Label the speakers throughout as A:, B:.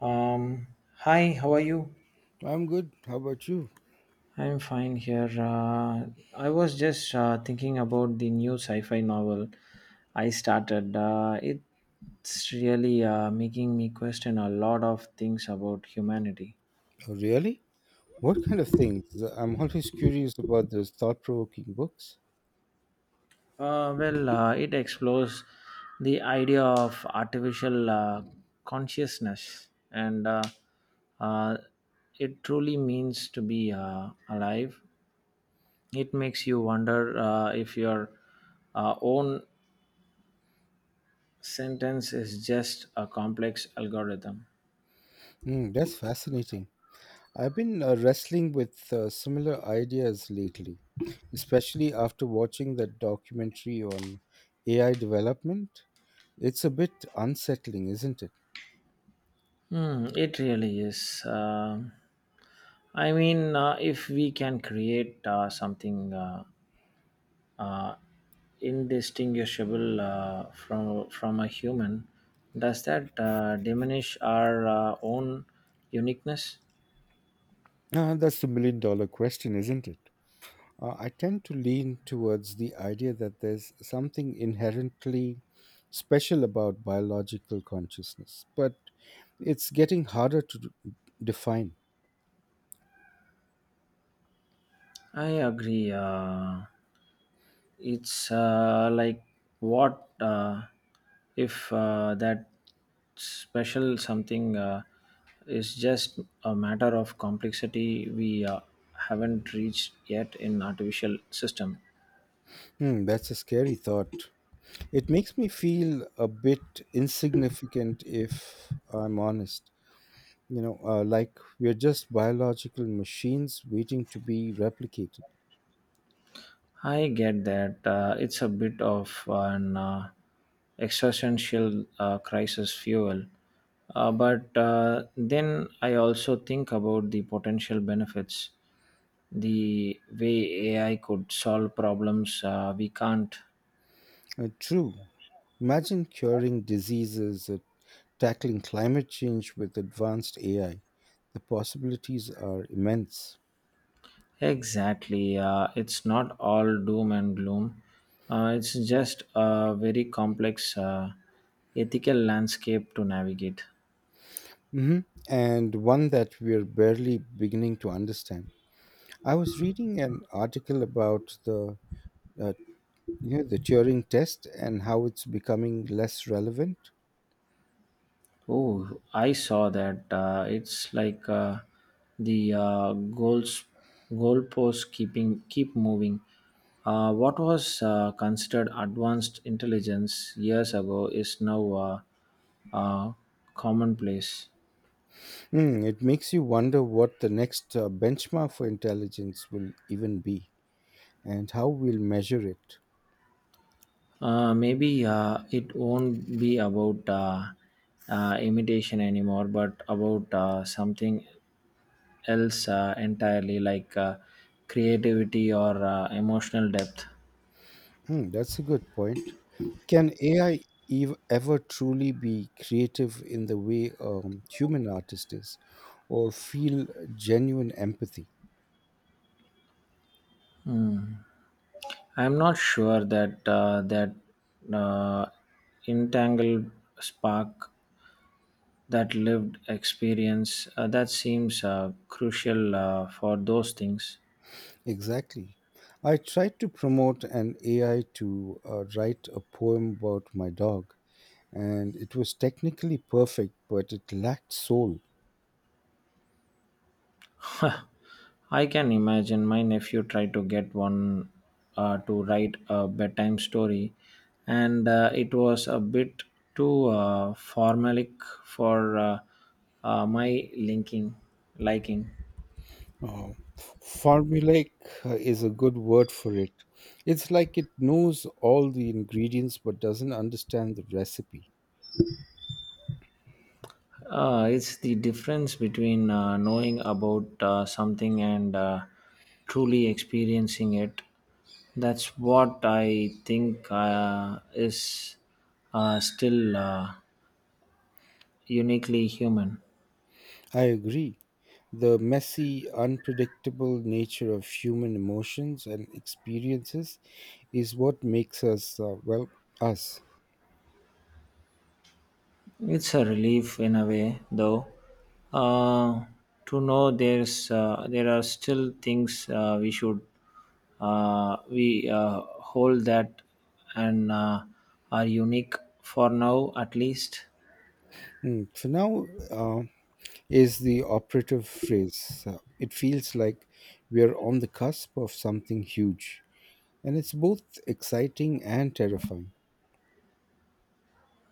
A: Um, Hi, how are you?
B: I'm good. How about you?
A: I'm fine here. I was just thinking about the new sci-fi novel I started. It's really making me question a lot of things about humanity.
B: Oh, really? What kind of things? I'm always curious about those thought provoking books.
A: It explores the idea of artificial consciousness and uh, it truly means to be alive. It makes you wonder if your own sentence is just a complex algorithm.
B: Hmm, that's fascinating. I've been wrestling with similar ideas lately, especially after watching that documentary on AI development. It's a bit unsettling, isn't it?
A: Hmm, it really is. I mean, if we can create something uh, indistinguishable from a human, does that diminish our own uniqueness?
B: Ah, that's the million-dollar question, isn't it? I tend to lean towards the idea that there's something inherently special about biological consciousness, but it's getting harder to define.
A: I agree. It's like what if that special something is just a matter of complexity we haven't reached yet in artificial system.
B: Hmm, that's a scary thought. It makes me feel a bit insignificant if I'm honest. You know, like we're just biological machines waiting to be replicated.
A: I get that. It's a bit of an existential crisis fuel. But then I also think about the potential benefits, the way AI could solve problems we can't.
B: True. Imagine curing diseases or tackling climate change with advanced AI. The possibilities are immense.
A: Exactly. It's not all doom and gloom. It's just a very complex ethical landscape to navigate.
B: Mhm. And one that we're barely beginning to understand. I was reading an article about the uh, you know, the Turing test and how it's becoming less relevant.
A: Oh, I saw that. It's like the goals goalposts keep moving. What was considered advanced intelligence years ago is now uh, commonplace.
B: Hmm, it makes you wonder what the next benchmark for intelligence will even be and how we'll measure it.
A: Maybe it won't be about imitation anymore, but about something else entirely, like creativity or emotional depth.
B: Hmm, that's a good point. Can AI ever truly be creative in the way human artist is or feel genuine empathy?
A: I'm not sure that uh, entangled spark, that lived experience, that seems crucial for those things.
B: Exactly. I tried to promote an AI to write a poem about my dog, and it was technically perfect, but it lacked soul.
A: I can imagine my nephew tried to get one to write a bedtime story, and it was a bit too formalic for my linking liking.
B: Uh, formulaic is a good word for it. It's like it knows all the ingredients but doesn't understand the recipe.
A: It's the difference between knowing about something and truly experiencing it. That's what I think is still uniquely human.
B: I agree. The messy, unpredictable nature of human emotions and experiences is what makes us, well, us.
A: It's a relief in a way, though, uh, to know there are still things we hold that and are unique for now, at least.
B: Mm. For now, is the operative phrase. It feels like we are on the cusp of something huge, and it's both exciting and terrifying.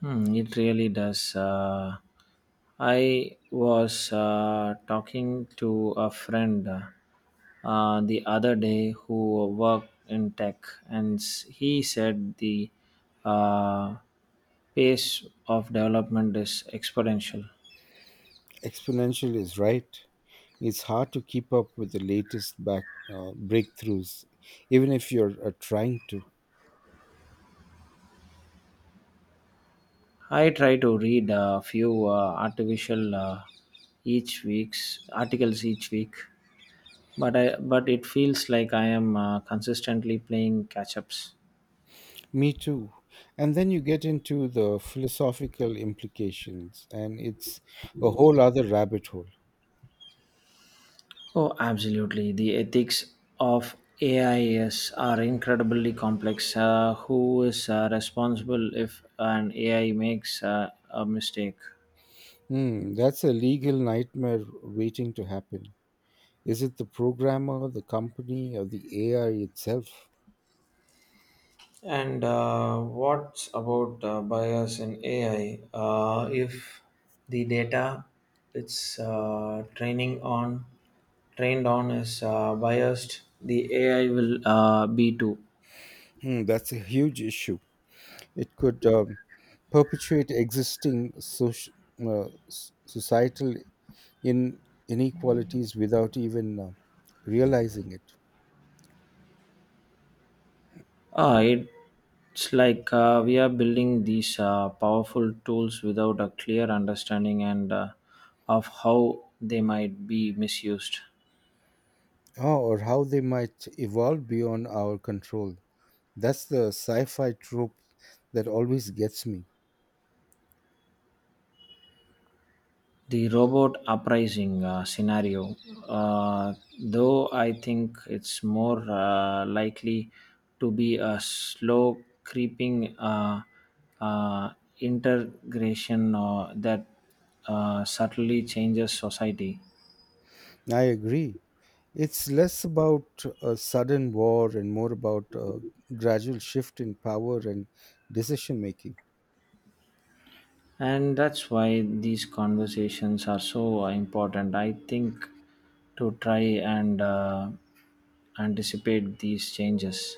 A: Hmm, it really does. I was talking to a friend the other day who worked in tech, and he said the uh, pace of development is exponential.
B: Exponential is right. It's hard to keep up with the latest back breakthroughs, even if you're trying to.
A: I try to read a few artificial each week's articles each week, but I but it feels like I am consistently playing catch ups.
B: Me too. And then you get into the philosophical implications, and it's a whole other rabbit hole.
A: Oh, absolutely. The ethics of AIs are incredibly complex. Who is responsible if an AI makes a mistake?
B: Hmm, that's a legal nightmare waiting to happen. Is it the programmer, the company, or the AI itself?
A: And what about bias in AI? If the data it's training on trained on is biased, the AI will be too.
B: Hmm, that's a huge issue. It could perpetuate existing societal in- inequalities without even realizing it.
A: Ah, it's like we are building these powerful tools without a clear understanding and of how they might be misused.
B: Oh, or how they might evolve beyond our control. That's the sci fi trope that always gets me.
A: The robot uprising scenario, uh, though, I think it's more likely to be a slow creeping uh, integration that subtly changes society.
B: I agree. It's less about a sudden war and more about a gradual shift in power and decision making.
A: And that's why these conversations are so important. I think to try and anticipate these changes.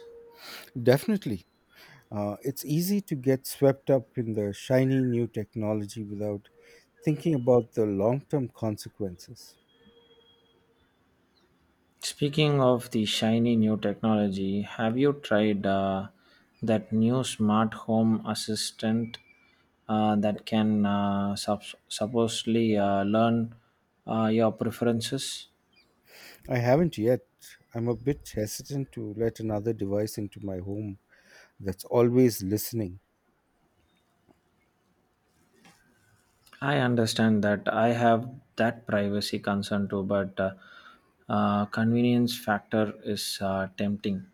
B: Definitely. It's easy to get swept up in the shiny new technology without thinking about the long term consequences.
A: Speaking of the shiny new technology, have you tried that new smart home assistant that can supposedly learn your preferences?
B: I haven't yet. I'm a bit hesitant to let another device into my home that's always listening.
A: I understand that I have that privacy concern too, but convenience factor is tempting.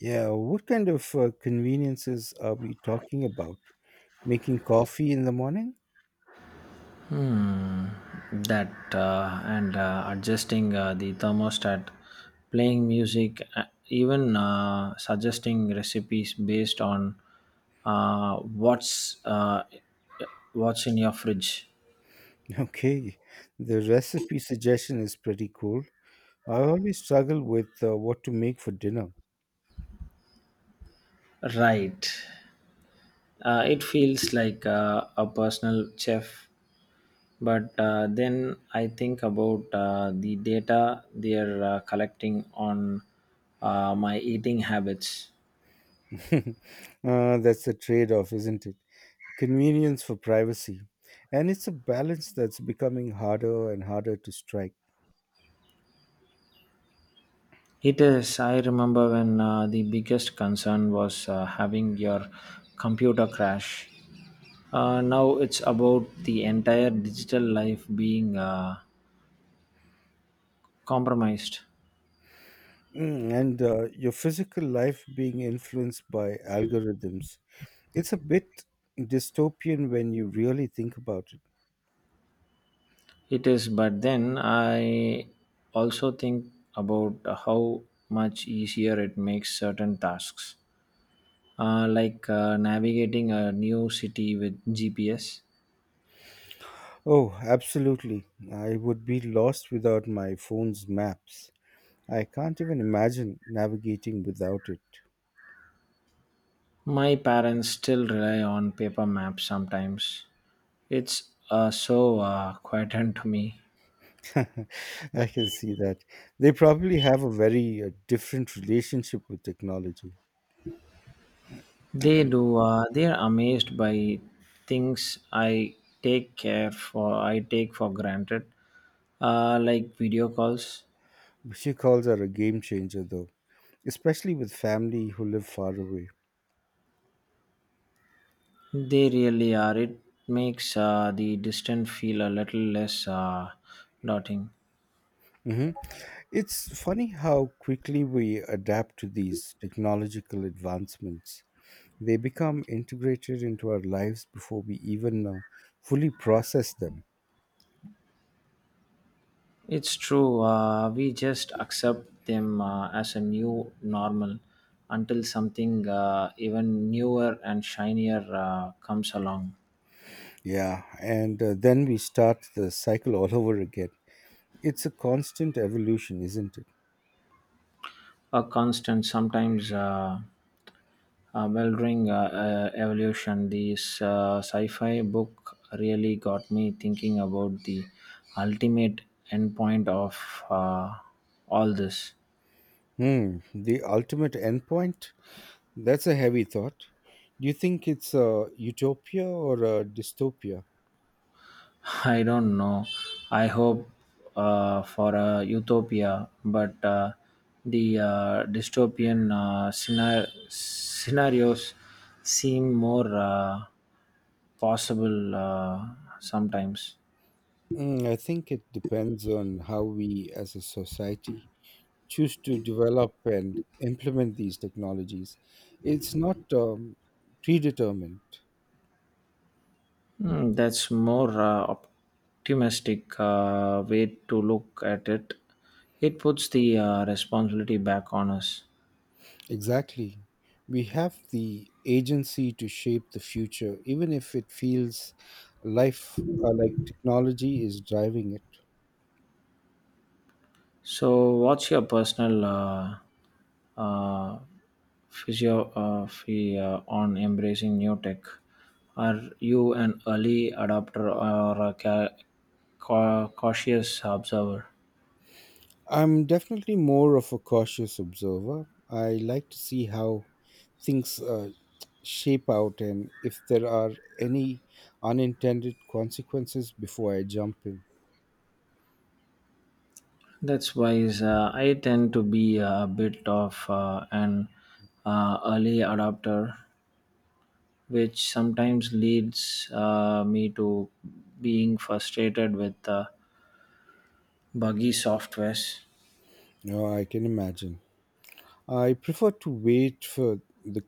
B: Yeah, what kind of conveniences are we talking about? Making coffee in the morning?
A: Hmm. That, and adjusting the thermostat, playing music, even suggesting recipes based on uh, what's uh, what's in your fridge.
B: Okay, the recipe suggestion is pretty cool. I always struggle with what to make for dinner.
A: Right. It feels like a personal chef but then I think about the data they're collecting on my eating habits.
B: uh, that's a trade off, isn't it? Convenience for privacy. And it's a balance that's becoming harder and harder to strike.
A: It is. I remember when the biggest concern was having your computer crash. Now it's about the entire digital life being compromised.
B: Mm, and your physical life being influenced by algorithms. It's a bit dystopian when you really think about it.
A: It is, but then I also think about how much easier it makes certain tasks, like navigating a new city with GPS.
B: Oh, absolutely. I would be lost without my phone's maps. I can't even imagine navigating without it.
A: My parents still rely on paper maps sometimes. It's so quietant to me.
B: I can see that. They probably have a very different relationship with technology.
A: They do. They are amazed by things I take care for. I take for granted, like video calls.
B: Video calls are a game changer, though, especially with family who live far away.
A: They really are. It makes the distant feel a little less daunting.
B: Hmm. It's funny how quickly we adapt to these technological advancements. They become integrated into our lives before we even fully process them.
A: It's true. We just accept them as a new normal until something even newer and shinier comes along.
B: Yeah, and then we start the cycle all over again. It's a constant evolution, isn't it?
A: A constant, sometimes bewildering evolution. This sci fi book really got me thinking about the ultimate endpoint of uh, all this.
B: Hmm, the ultimate endpoint? That's a heavy thought. Do you think it's a utopia or a dystopia?
A: I don't know. I hope for a utopia, but the dystopian scenarios seem more possible sometimes.
B: Hmm, I think it depends on how we as a society choose to develop and implement these technologies. It's not predetermined.
A: Hmm, that's more optimistic way to look at it. It puts the responsibility back on us.
B: Exactly. We have the agency to shape the future, even if it feels life like technology is driving it.
A: So, what's your personal uh, philosophy on embracing new tech? Are you an early adopter or a cautious observer?
B: I'm definitely more of a cautious observer. I like to see how things shape out and if there are any unintended consequences before I jump in.
A: That's wise. I tend to be a bit of an early adopter, which sometimes leads me to being frustrated with buggy softwares.
B: No, I can imagine. I prefer to wait for the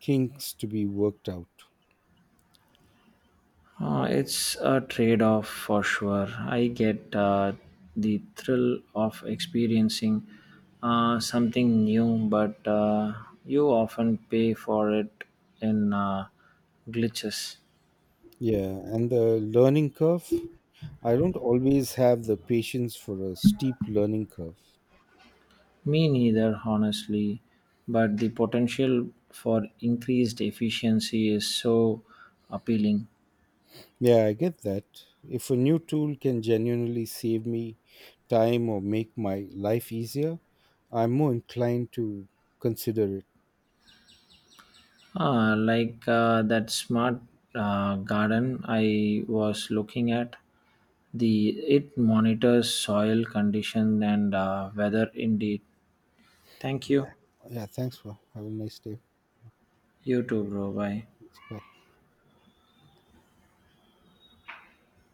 B: kinks to be worked out.
A: It's a trade off for sure. I get the thrill of experiencing something new, but you often pay for it in glitches.
B: Yeah, and the learning curve. I don't always have the patience for a steep learning curve.
A: Me neither, honestly, but the potential for increased efficiency is so appealing.
B: Yeah, I get that. If a new tool can genuinely save me time or make my life easier, I'm more inclined to consider it.
A: Ah, like that smart garden I was looking at. The it monitors soil condition and weather indeed. Thank you.
B: Yeah, thanks for. Have a nice day.
A: You too, bro. Bye.
B: Bye.